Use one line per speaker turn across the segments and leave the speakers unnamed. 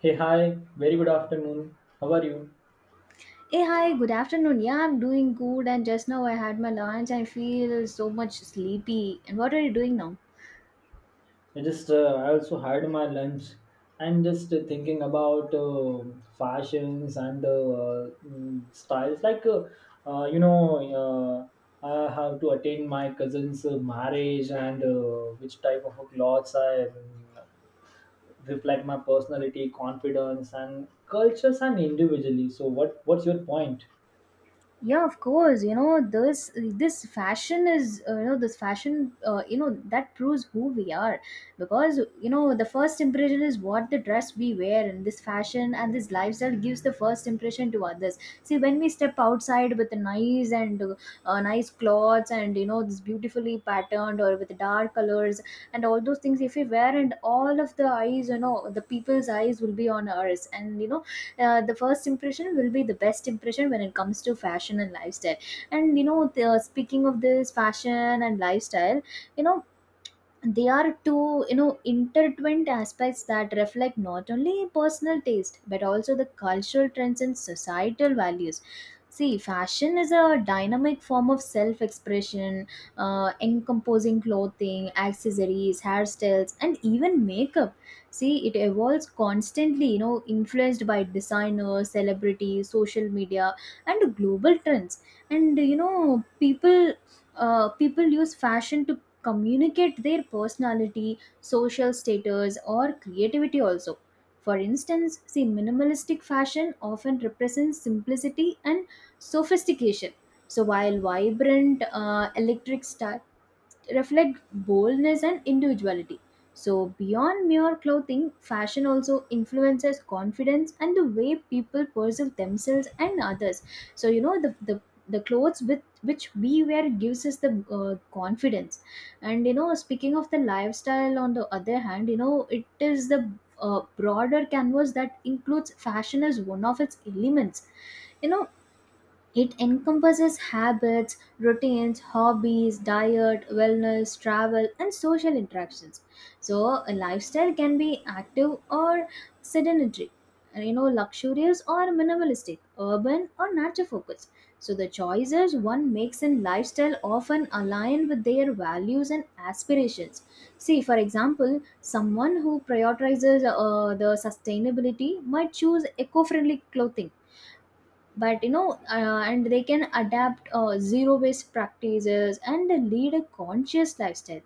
Hey, hi, very good afternoon. How are you?
Hey, hi, good afternoon. Yeah, I'm doing good, and just now I had my lunch. I feel so much sleepy. And what are you doing now?
I just, I also had my lunch and just thinking about fashions and styles. Uh, you know, I have to attend my cousin's marriage and which type of clothes I reflect my personality, confidence, and cultures and individually. So, what's your point?
Yeah, of course, you know, this fashion is you know, this fashion, you know, that proves who we are, because you know the first impression is what the dress we wear, and this fashion and this lifestyle gives the first impression to others. See, when we step outside with the nice and nice clothes, and you know this beautifully patterned or with dark colors and all those things, if we wear, and all of the eyes, you know, the people's eyes will be on us. And you know, the first impression will be the best impression when it comes to fashion and lifestyle. And you know, speaking of this fashion and lifestyle, you know, they are two, you know, intertwined aspects that reflect not only personal taste but also the cultural trends and societal values. See, fashion is a dynamic form of self-expression, encompassing clothing, accessories, hairstyles, and even makeup. See, it evolves constantly, you know, influenced by designers, celebrities, social media, and global trends. And you know, people use fashion to communicate their personality, social status, or creativity also. For instance, see, minimalistic fashion often represents simplicity and sophistication. So, while vibrant electric style reflect boldness and individuality. So, beyond mere clothing, fashion also influences confidence and the way people perceive themselves and others. So, you know, the clothes with which we wear gives us the confidence. And, you know, speaking of the lifestyle, on the other hand, you know, it is the broader canvas that includes fashion as one of its elements. You know, it encompasses habits, routines, hobbies, diet, wellness, travel, and social interactions. So, a lifestyle can be active or sedentary, you know, luxurious or minimalistic, urban or nature focused. So, the choices one makes in lifestyle often align with their values and aspirations. See, for example, someone who prioritizes the sustainability might choose eco friendly clothing, but and they can adapt zero based practices and lead a conscious lifestyle.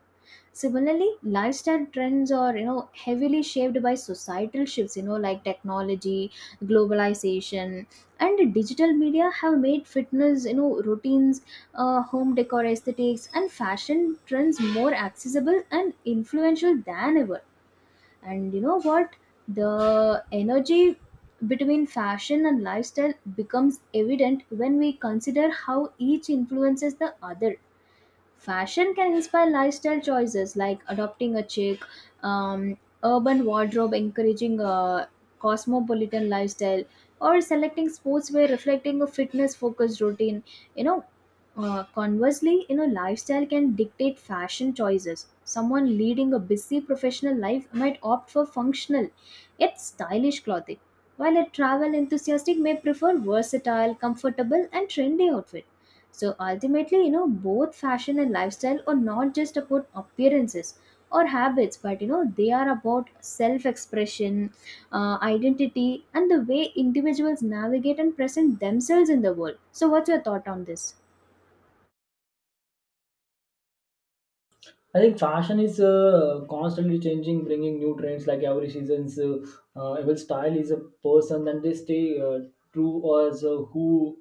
Similarly, lifestyle trends are, you know, heavily shaped by societal shifts, you know, like technology, globalization, and digital media have made fitness, you know, routines, home decor aesthetics, and fashion trends more accessible and influential than ever. And you know what, the energy between fashion and lifestyle becomes evident when we consider how each influences the other. Fashion can inspire lifestyle choices like adopting a chic, um, urban wardrobe, encouraging a cosmopolitan lifestyle, or selecting sportswear reflecting a fitness focused routine. You know, conversely, you know, lifestyle can dictate fashion choices. Someone leading a busy professional life might opt for functional, yet stylish clothing, while a travel enthusiast may prefer versatile, comfortable, and trendy outfit. So ultimately, you know, both fashion and lifestyle are not just about appearances or habits, but you know, they are about self expression, identity, and the way individuals navigate and present themselves in the world. So, what's your thought on this?
I think fashion is constantly changing, bringing new trends like every season's. Every style is a person, and they stay true as who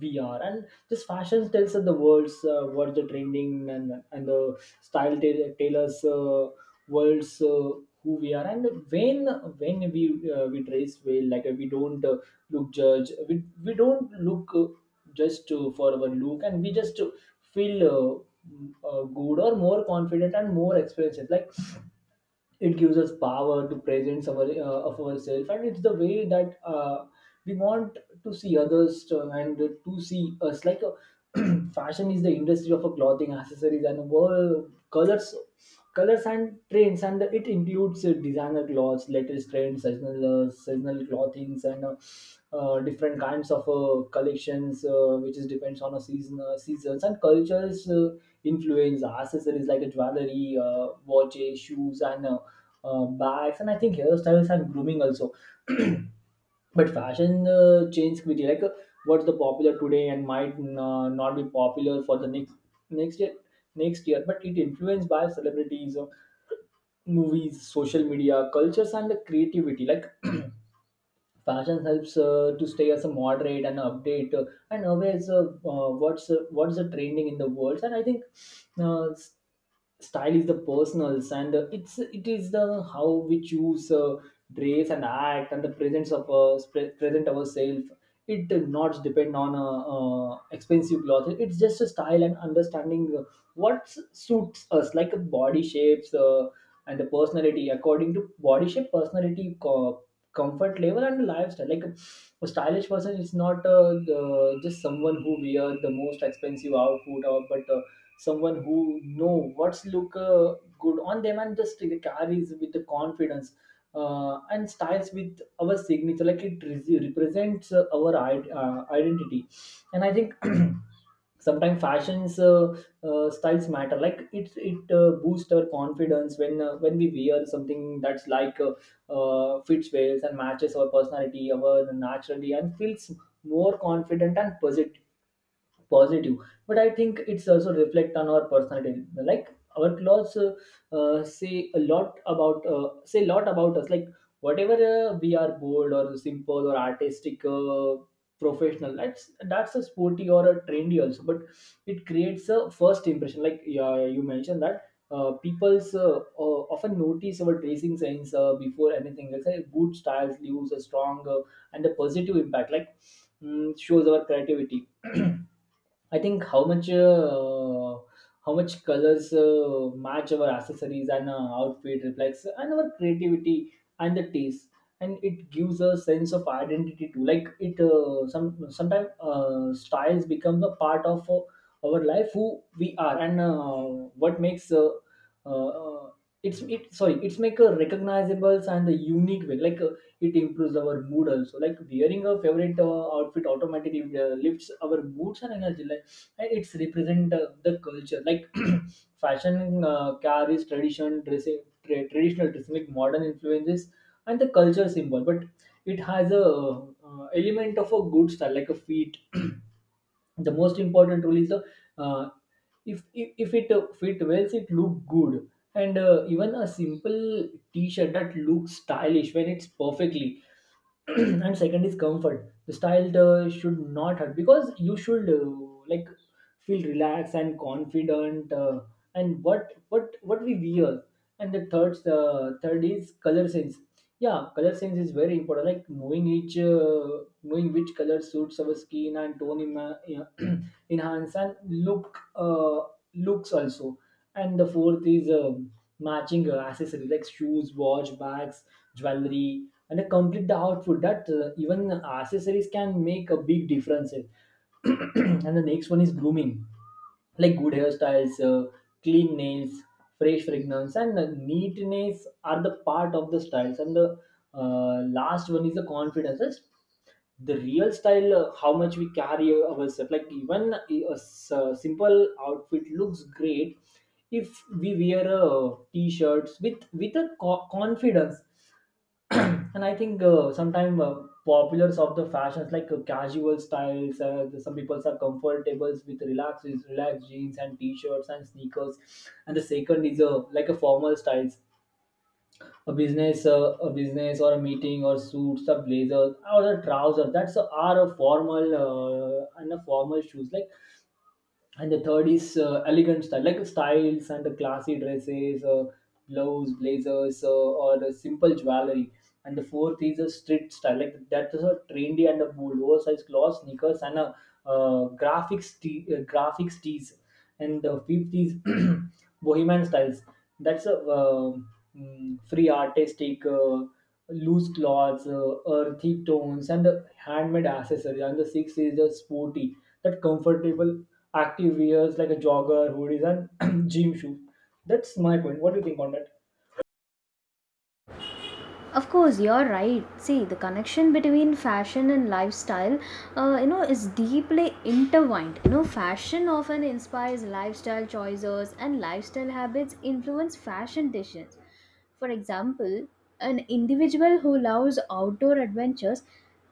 we are. And this fashion tells us the world's what's the trending and the style tailors. Worlds who we are and when when we dress well like we don't look judge we don't look just for our look and we just feel good or more confident and more experienced like it gives us power to presence our, of ourselves and it's the way that we want to see others and to see us like fashion is the industry of a clothing accessories and world colors colors and trends and it includes designer clothes latest trends seasonal clothings and different kinds of collections, which is depends on a seasons and cultures influence accessories like a jewelry, watches, shoes, and bags, and I think hairstyles and grooming also. But fashion change quickly. Like what's the popular today and might not be popular for the next year next year, but it influenced by celebrities. Movies social media cultures and the creativity like fashion helps to stay as a moderate and update and always what's the trending in the world. And I think uh, s- style is the personals and it is the how we choose dress and act and the presence of present ourselves. It does not depend on expensive clothes, it's just a style and understanding what suits us like body shapes and the personality according to body shape personality comfort level and lifestyle like a stylish person is not just someone who wear the most expensive outfit or but someone who know what's look good on them and just carries with the confidence and styles with our signature like it represents our identity. And I think sometimes fashions styles matter like it boosts our confidence when we wear something that's like fits well and matches our personality, our naturally, and feels more confident and positive. But I think it's also reflect on our personality like our clothes say a lot about us like whatever we are bold or simple or artistic professional that's a sporty or a trendy also but it creates a first impression like yeah, you mentioned that people's often notice our dressing sense before anything else. Like good styles leaves a strong and a positive impact. Like shows our creativity. I think how much colors match our accessories and outfit reflects and our creativity and the taste. And it gives a sense of identity too, like it some sometimes styles become a part of our life, who we are and what makes uh, it's it sorry it's make a recognizable and a unique way. Like it improves our mood also, like wearing a favorite outfit automatically lifts our moods and energy. Like and it's represent the culture. Like fashion carries tradition dressing traditional dressing like modern influences and the culture symbol. But it has a element of a good style like a fit. The most important rule is the uh, if it fit well it look good. And even a simple t-shirt that looks stylish when it's perfectly. And second is comfort, the style should not hurt because you should like feel relaxed and confident and what we wear. And the third is color sense. Yeah, color sense is very important, like knowing which color suits our skin and tone yeah, enhance and look looks also. And the fourth is matching accessories like shoes watch bags jewelry and complete the outfit, that even accessories can make a big difference. And the next one is grooming, like good hairstyles clean nails fresh fragrance and neatness are the part of the styles. And the last one is the confidence. That's the real style, how much we carry ourselves, like even a simple outfit looks great if we wear a t-shirts with a confidence. And I think sometimes populars of the fashions, like casual styles. Some people are comfortable with relaxed jeans and t-shirts and sneakers, and the second is a like a formal styles. A business or a meeting or suits, a blazer or a trouser. That's Are a formal and a formal shoes like. And the third is elegant style like styles and the classy dresses gloves blazers or the simple jewelry. And the fourth is a street style, like that is a trendy and a bold oversized clothes sneakers and a graphics tees and weave these. Bohemian styles. That's a free artistic, loose cloths, earthy tones, and the handmade accessories. And the sixth is the sporty, that comfortable active wears like a jogger, hoodies, and gym shoes. That's my point. What do you think on that?
Of course, you're right. See, the connection between fashion and lifestyle, you know, is deeply intertwined. You know, fashion often inspires lifestyle choices, and lifestyle habits influence fashion decisions. For example, an individual who loves outdoor adventures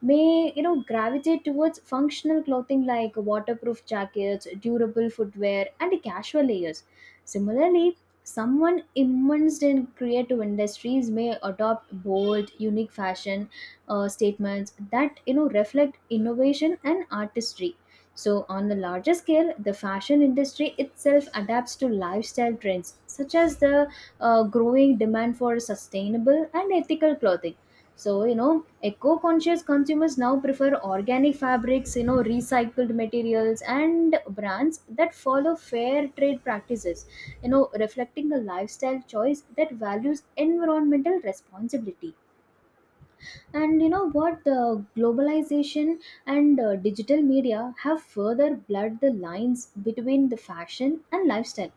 may, you know, gravitate towards functional clothing like waterproof jackets, durable footwear, and casual layers. Similarly, someone immersed in creative industries may adopt bold, unique fashion statements that, you know, reflect innovation and artistry. So on the larger scale, the fashion industry itself adapts to lifestyle trends, such as the growing demand for sustainable and ethical clothing. So you know, eco-conscious consumers now prefer organic fabrics, you know, recycled materials, and brands that follow fair trade practices, you know, reflecting a lifestyle choice that values environmental responsibility. And you know what, the globalization and digital media have further blurred the lines between the fashion and lifestyle,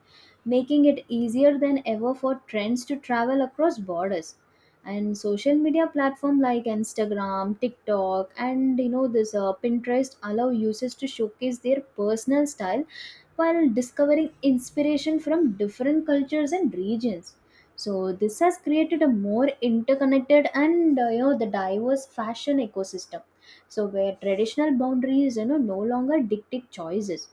making it easier than ever for trends to travel across borders. And social media platform like Instagram, TikTok, and you know this, Pinterest allow users to showcase their personal style while discovering inspiration from different cultures and regions. So this has created a more interconnected and, you know, the diverse fashion ecosystem, so where traditional boundaries, you know, no longer dictate choices.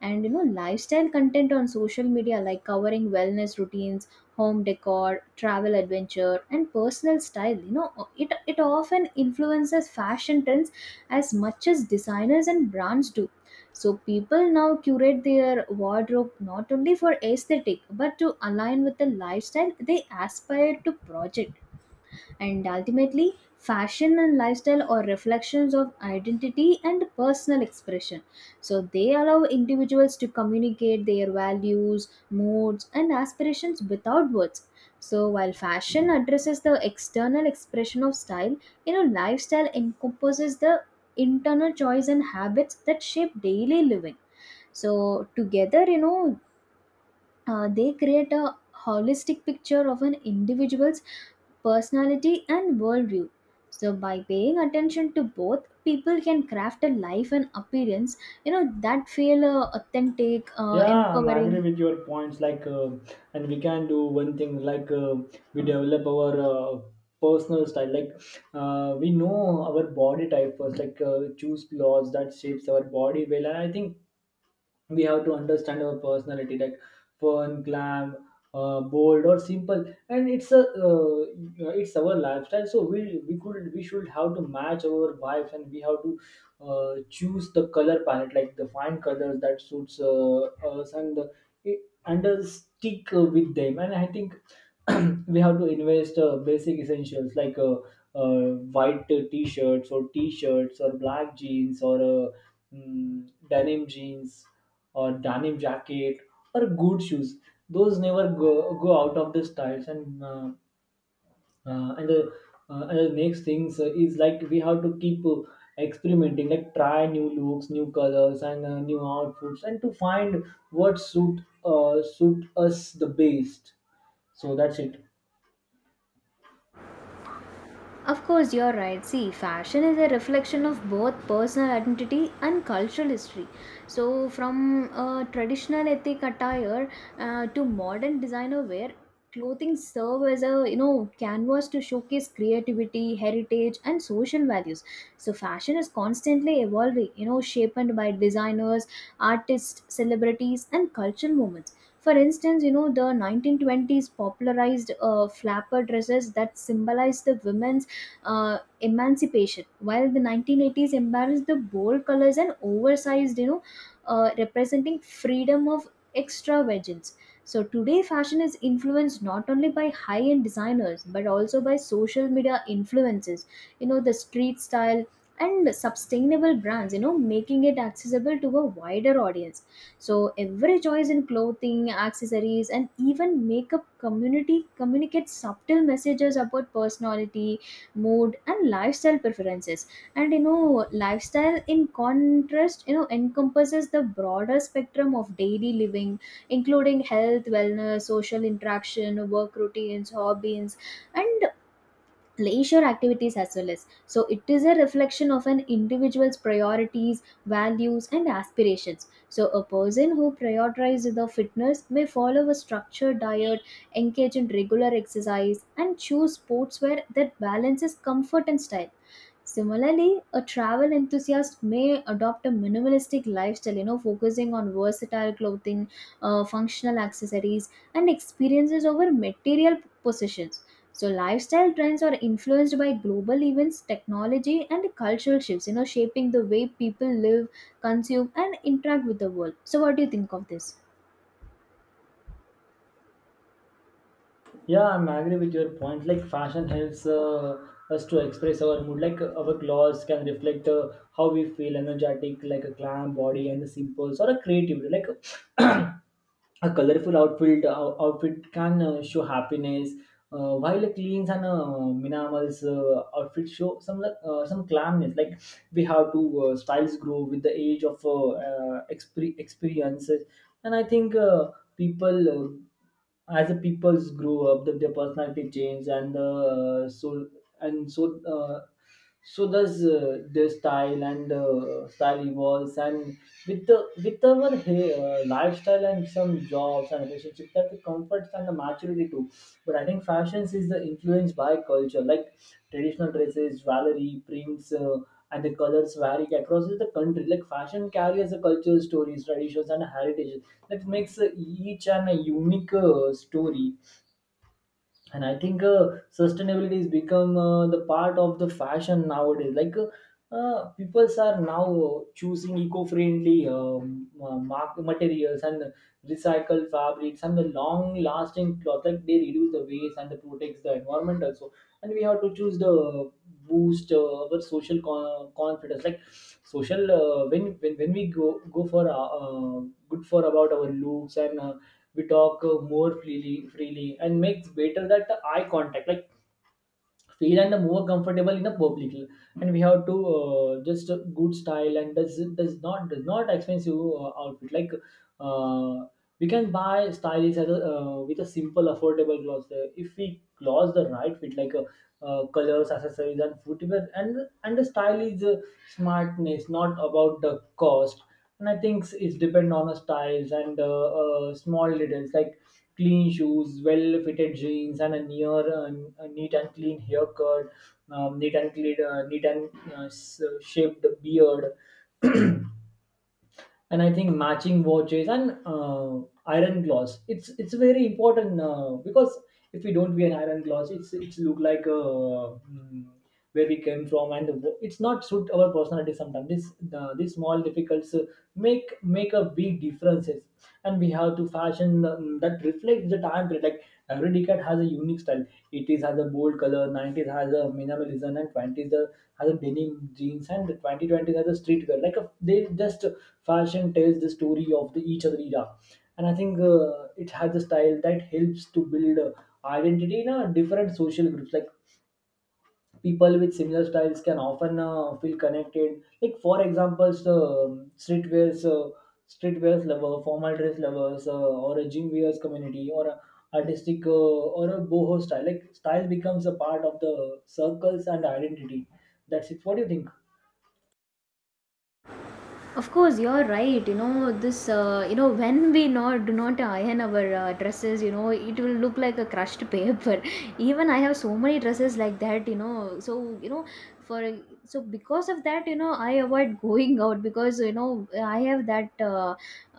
And you know, lifestyle content on social media, like covering wellness routines, home decor, travel adventure, and personal style, you know, it often influences fashion trends as much as designers and brands do. So people now curate their wardrobe not only for aesthetic but to align with the lifestyle they aspire to project. And ultimately, fashion and lifestyle are reflections of identity and personal expression. So they allow individuals to communicate their values, moods, and aspirations without words. So while fashion addresses the external expression of style, you know, lifestyle encompasses the internal choice and habits that shape daily living. So together, you know, they create a holistic picture of an individual's personality and worldview. So by paying attention to both, people can craft a life and appearance, you know, that feel authentic,
Yeah, I'm agree
empowering.
with your points. Like, and we can do one thing. Like, we develop our personal style. Like, we know our body type first. Like, choose clothes that shapes our body well. And I think we have to understand our personality, like fun glam bold or simple. And it's a it's our lifestyle, so we should have to match our vibes. And we have to choose the color palette, like the fine colors that suits us and the, and stick with them. And I think we have to invest basic essentials like uh, white t-shirts or t-shirts or black jeans or denim jeans or denim jacket or good shoes. Those never go out of the styles. And uh, and the and the next things is like we have to keep experimenting, like try new looks new colors and new outfits and to find what suit us the best. So that's it.
Of course, you're right. See, fashion is a reflection of both personal identity and cultural history. So, from traditional ethnic attire to modern designer wear, clothing serve as a, you know, canvas to showcase creativity, heritage, and social values. So, fashion is constantly evolving, you know, shaped by designers, artists, celebrities, and cultural movements. For instance, you know, the 1920s popularized flapper dresses that symbolize the women's emancipation, while the 1980s embraced the bold colors and oversized, you know, representing freedom of extravagance. So today, fashion is influenced not only by high-end designers but also by social media influences, you know, the street style and sustainable brands, you know, making it accessible to a wider audience. So every choice in clothing, accessories, and even makeup community communicates subtle messages about personality, mood, and lifestyle preferences. And you know, lifestyle, in contrast, you know, encompasses the broader spectrum of daily living, including health, wellness, social interaction, work routines, hobbies, and leisure activities as well. As so, it is a reflection of an individual's priorities, values, and aspirations. So a person who prioritizes the fitness may follow a structured diet, engage in regular exercise, and choose sports where that balances comfort and style. Similarly, a travel enthusiast may adopt a minimalistic lifestyle, you know, focusing on versatile clothing, functional accessories, and experiences over material possessions. So, lifestyle trends are influenced by global events, technology, and cultural shifts, you know, shaping the way people live, consume, and interact with the world. So, what do you think of this?
Yeah, I'm agree with your point. Like, fashion helps us to express our mood. Like our clothes can reflect how we feel, energetic, like a glam body and the simples or a creativity. Like a colorful outfit outfit can show happiness, while a cleans and minimal's outfit show some like, some calmness. Like we have to styles grow with the age of experience. And I think people as the peoples grow up their personality change. And and so uh, so does their style. And style evolves and with the with our hey, lifestyle and some jobs and relationship, that the comforts and the maturity too. But I think fashions is the influence by culture, like traditional dresses, jewelry, prints, and the colors vary across the country. Like fashion carries the culture, stories, traditions, and heritage. That makes each an a unique story. And I think sustainability has become the part of the fashion nowadays, like people are now choosing eco-friendly materials and recycled fabrics and the long-lasting cloth, like they reduce the waste and they protects the environment also. And we have to choose the boost our social confidence, like social when we go for uh, good for about our looks, and we talk more freely and makes better that eye contact, like feel and more comfortable in a public. And we have to just a good style, and does not expensive outfit, like uh, we can buy stylish as a, with a simple affordable clothes, if we clothes the right fit, like colors, accessories, and footwear. And the style is smartness, not about the cost. And I think it's depend on the styles, and small details like clean shoes, well fitted jeans, and a near a neat and clean haircut, neat and clean, shaped beard. And I think matching watches and iron gloss. It's very important, because if we don't wear an iron gloss, it's look like where we came from, and it's not suit our personality. Sometimes this the these small difficulties make a big differences, and we have to fashion that reflects the time period. Like every decade has a unique style. 80s has a bold color, 90s has a minimalism, and has a denim jeans, and 2020s has a street girl. Like a, they just fashion tells the story of the each other era. And I think it has a style that helps to build identity in a different social groups. Like people with similar styles can often feel connected, like for examples, um, streetwears lover, formal dress lovers, or a gym wears community, or a artistic, or a boho style. Like style becomes a part of the circles and identity. That's it. What do you think?
Of course, you're right. You know this. You know, when we not do not iron our dresses, you know it will look like a crushed paper. Even I have so many dresses like that. You know, you know for so because of that, you know, I avoid going out because you know I have that. Uh,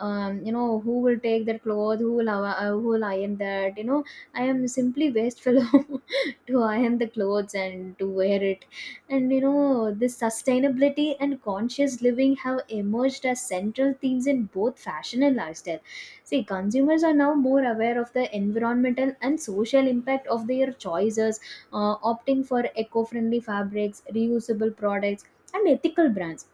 um, You know, who will take that cloth, who will iron that. You know, I am simply wasteful to iron the clothes and to wear it. And you know, this sustainability and conscious living have emerged as central themes in both fashion and lifestyle. See, consumers are now more aware of the environmental and social impact of their choices, opting for eco-friendly fabrics, reusable products, and ethical brands.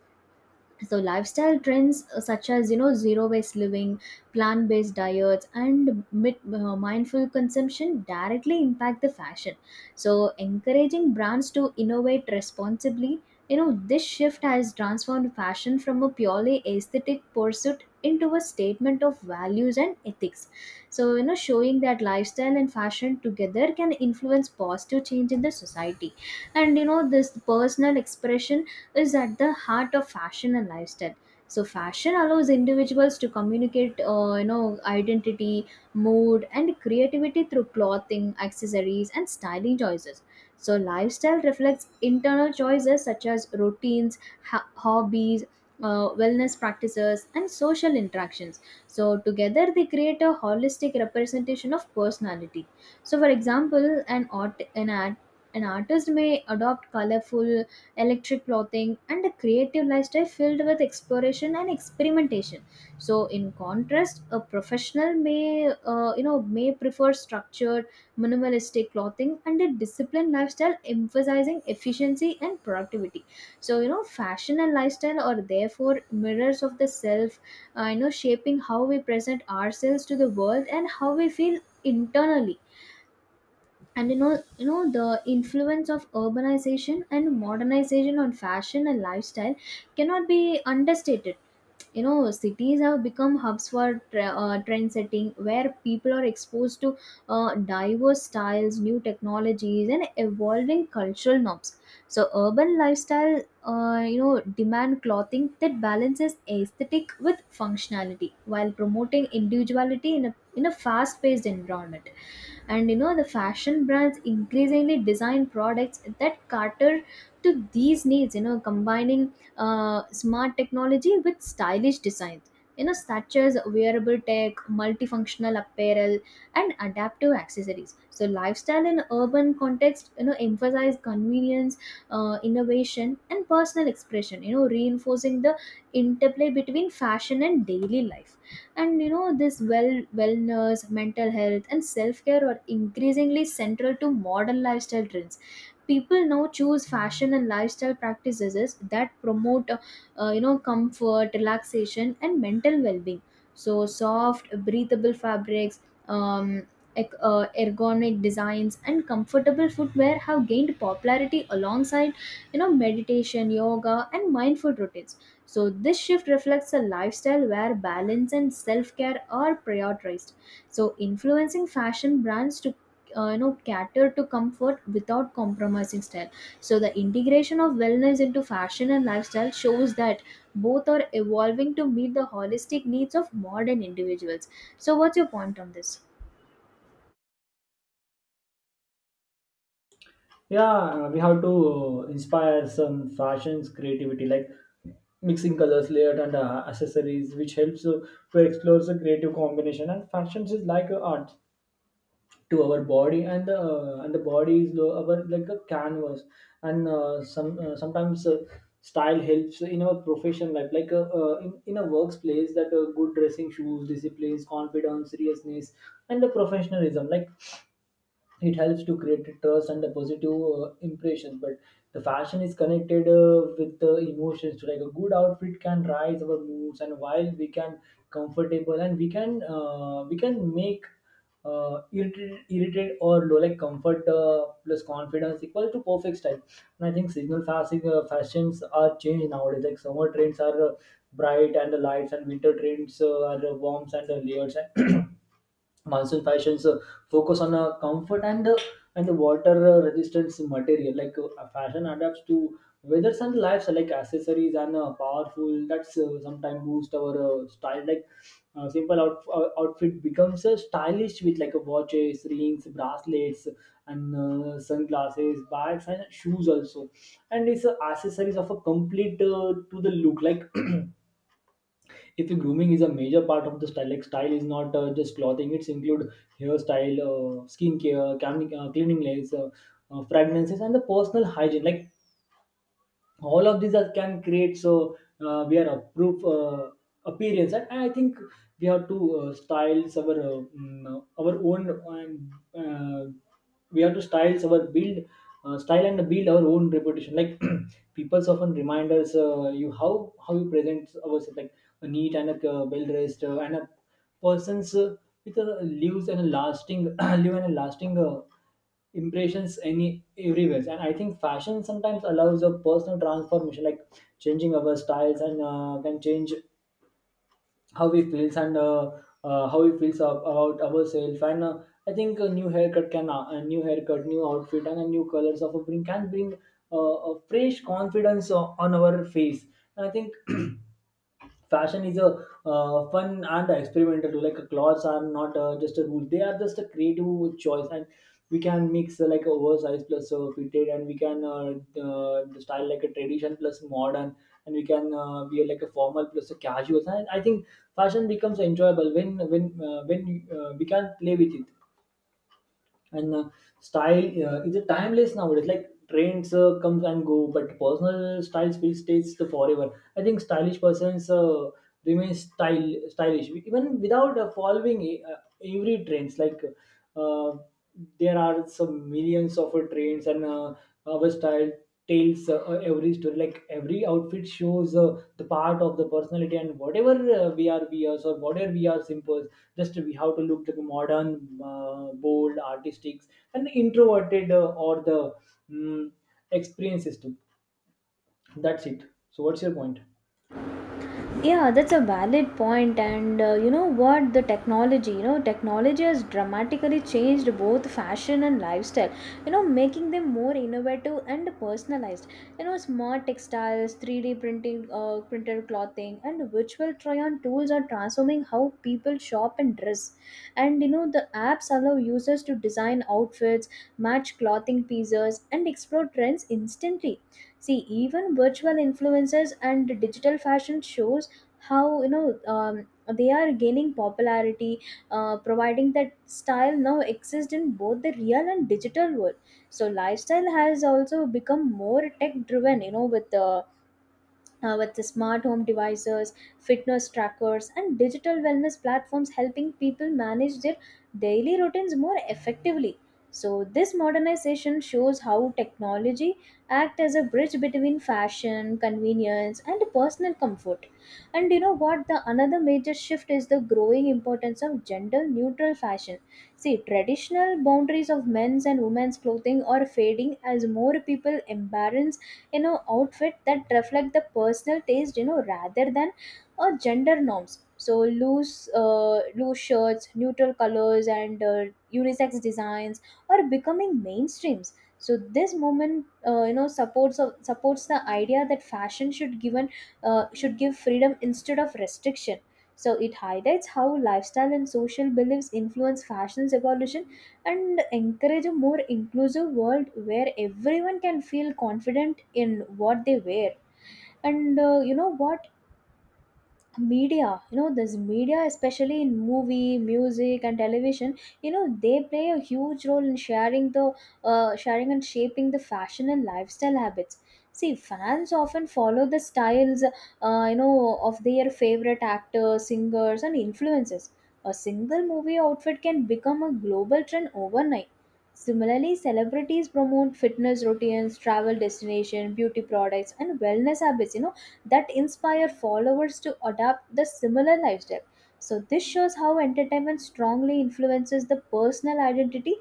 So lifestyle trends, such as, you know, zero waste living, plant based diets, and mindful consumption directly impact the fashion, so encouraging brands to innovate responsibly. You know, this shift has transformed fashion from a purely aesthetic pursuit into a statement of values and ethics, so you know, showing that lifestyle and fashion together can influence positive change in the society. And you know, this personal expression is at the heart of fashion and lifestyle. So fashion allows individuals to communicate, you know, identity, mood, and creativity through clothing, accessories, and styling choices. So lifestyle reflects internal choices such as routines, hobbies, wellness practices, and social interactions. So together they create a holistic representation of personality. So for example, an artist may adopt colorful electric clothing, and a creative lifestyle filled with exploration and experimentation. So, in contrast, a professional may, you know, may prefer structured, minimalistic clothing and a disciplined lifestyle emphasizing efficiency and productivity. Fashion and lifestyle are therefore mirrors of the self, shaping how we present ourselves to the world and how we feel internally. And the influence of urbanization and modernization on fashion and lifestyle cannot be understated. You know, cities have become hubs for trend setting, where people are exposed to diverse styles, new technologies, and evolving cultural norms. So urban lifestyle, you know, demand clothing that balances aesthetic with functionality while promoting individuality in a fast paced environment. And you know, the fashion brands increasingly design products that cater to these needs, you know, combining smart technology with stylish designs, you know, such as wearable tech, multifunctional apparel, and adaptive accessories. So lifestyle in urban context, you know, emphasize convenience, innovation, and personal expression, you know, reinforcing the interplay between fashion and daily life. And you know, this wellness, mental health, and self-care are increasingly central to modern lifestyle trends. People now choose fashion and lifestyle practices that promote comfort, relaxation, and mental well-being. So soft breathable fabrics, um, ergonomic designs, and comfortable footwear have gained popularity alongside, you know, meditation, yoga, and mindful routines. So this shift reflects a lifestyle where balance and self care are prioritized, so influencing fashion brands to, you know, cater to comfort without compromising style. So the integration of wellness into fashion and lifestyle shows that both are evolving to meet the holistic needs of modern individuals. So what's your point on this?
Yeah, we have to inspire some fashions creativity, like mixing colors, layered, and accessories, which helps to explore the creative combination. And fashions is like art to our body, and the and the body is our like a canvas. And sometimes style helps in our profession life, like in a workplace, that good dressing shoes, discipline, confidence, seriousness, and the professionalism. Like it helps to create trust and a positive impression. But the fashion is connected with the emotions, like a good outfit can rise our moods, and while we can comfortable, and we can make irritated or low, like comfort plus confidence equal to perfect style. And I think seasonal fashions are changed nowadays, like summer trends are bright and the lights, and winter trends are warms and layers. Monsoon fashions focus on comfort and the water resistance material. Like fashion adapts to weathers and lives, like accessories and powerful that's sometimes boost our style. Like outfit becomes stylish, with like a watches, rings, bracelets, and sunglasses, bags, and shoes also. And it's accessories of a complete to the look. Like if grooming is a major part of the style, like style is not just clothing, it's include hairstyle, skincare, cleaning, cleaning layers, fragrances, and the personal hygiene. Like all of these are, can create so we are a proof appearance. And I think we have to styles our our own, and we have to styles our build style, and build our own reputation. Like people so often remind us you, how you present ourselves, like a neat and a well dressed and a person's it leaves an lasting leave an lasting impressions any everywhere. And I think fashion sometimes allows a personal transformation, like changing our styles, and can change how we feels, and how we feels about ourselves. And I think a new haircut, new outfit, and a new colors of a bring a fresh confidence on our face. And I think fashion is a fun and experimental too. Like clothes are not just a rule, they are just a creative choice. And we can mix like oversized plus fitted, and we can style like a tradition plus modern, and we can wear like a formal plus a casual. And I think fashion becomes enjoyable when we can play with it. And style is a timeless nowadays, like trends comes and go, but personal style still stays the forever. I think stylish persons remain style stylish even without following every trends. Like uh, there are some millions of trends, and our style tells every story, like every outfit shows the part of the personality. And whatever we are or whatever we are simple, just we have to look like a modern, bold, artistic, and introverted, or the mm experience system. That's it. So what's your point?
Yeah, that's a valid point. And you know what? The technology, you know, technology has dramatically changed both fashion and lifestyle, you know, making them more innovative and personalized. You know, smart textiles, 3D printing, printed clothing, and virtual try on tools are transforming how people shop and dress. And you know, the apps allow users to design outfits, match clothing pieces, and explore trends instantly. See, even virtual influencers and digital fashion shows, how you know they are gaining popularity, providing that style now exists in both the real and digital world. So lifestyle has also become more tech driven, you know, with the smart home devices, fitness trackers, and digital wellness platforms helping people manage their daily routines more effectively. So this modernization shows how technology acts as a bridge between fashion, convenience, and personal comfort. And you know what? The another major shift is the growing importance of gender neutral fashion. See, traditional boundaries of men's and women's clothing are fading as more people embrace, you know, outfit that reflect the personal taste, you know, rather than gender norms. So loose shirts, neutral colors, and unisex designs are becoming mainstreams. So this movement, you know, supports the idea that fashion should given should give freedom instead of restriction. So it highlights how lifestyle and social beliefs influence fashion's evolution and encourage a more inclusive world where everyone can feel confident in what they wear. And you know what? Media, you know, this media, especially in movie, music, and television, you know, they play a huge role in sharing and shaping the fashion and lifestyle habits. See, fans often follow the styles, you know, of their favorite actors, singers, and influencers. A single movie outfit can become a global trend overnight. Similarly, celebrities promote fitness routines, travel destination, beauty products, and wellness habits, you know, that inspire followers to adopt the similar lifestyle. So this shows how entertainment strongly influences the personal identity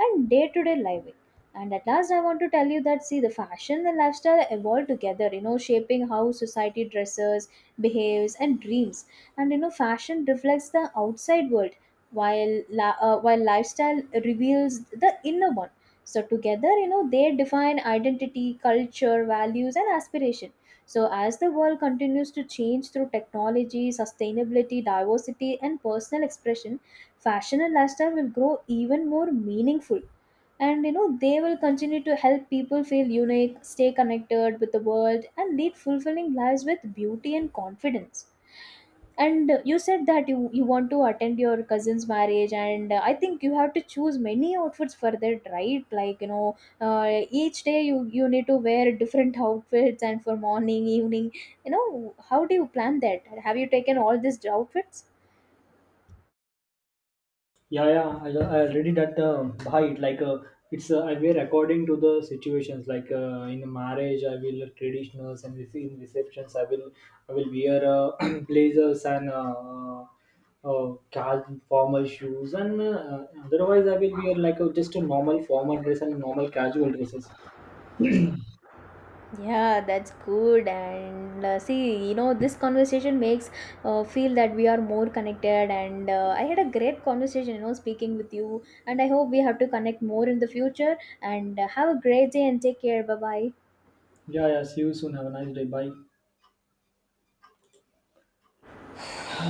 and day to day living. And at last, I want to tell you that, see, the fashion and lifestyle evolve together, you know, shaping how society dresses, behaves, and dreams. And you know, fashion reflects the outside world, while lifestyle reveals the inner one. So together, you know, they define identity, culture, values, and aspiration. So as the world continues to change through technology, sustainability, diversity, and personal expression, fashion and lifestyle will grow even more meaningful. And you know, they will continue to help people feel unique, stay connected with the world, and lead fulfilling lives with beauty and confidence. And you said that you want to attend your cousin's marriage, and I think you have to choose many outfits for that, right? Like, you know, uh, each day you need to wear different outfits, and for morning, evening, you know, how do you plan that? Have you taken all these outfits?
Yeah, yeah, I already that bhai, like it's I wear according to the situations, like in a marriage I will traditionals, and in receptions I will wear blazers, and casual formal shoes, and otherwise I will wear like a, just a normal formal dress and normal casual dresses.
Yeah, that's good. And see, you know, this conversation makes feel that we are more connected. And I had a great conversation, you know, speaking with you, and I hope we have to connect more in the future. And have a great day, and take care. Bye bye.
Yeah, yeah. See you soon. Have a nice day. Bye.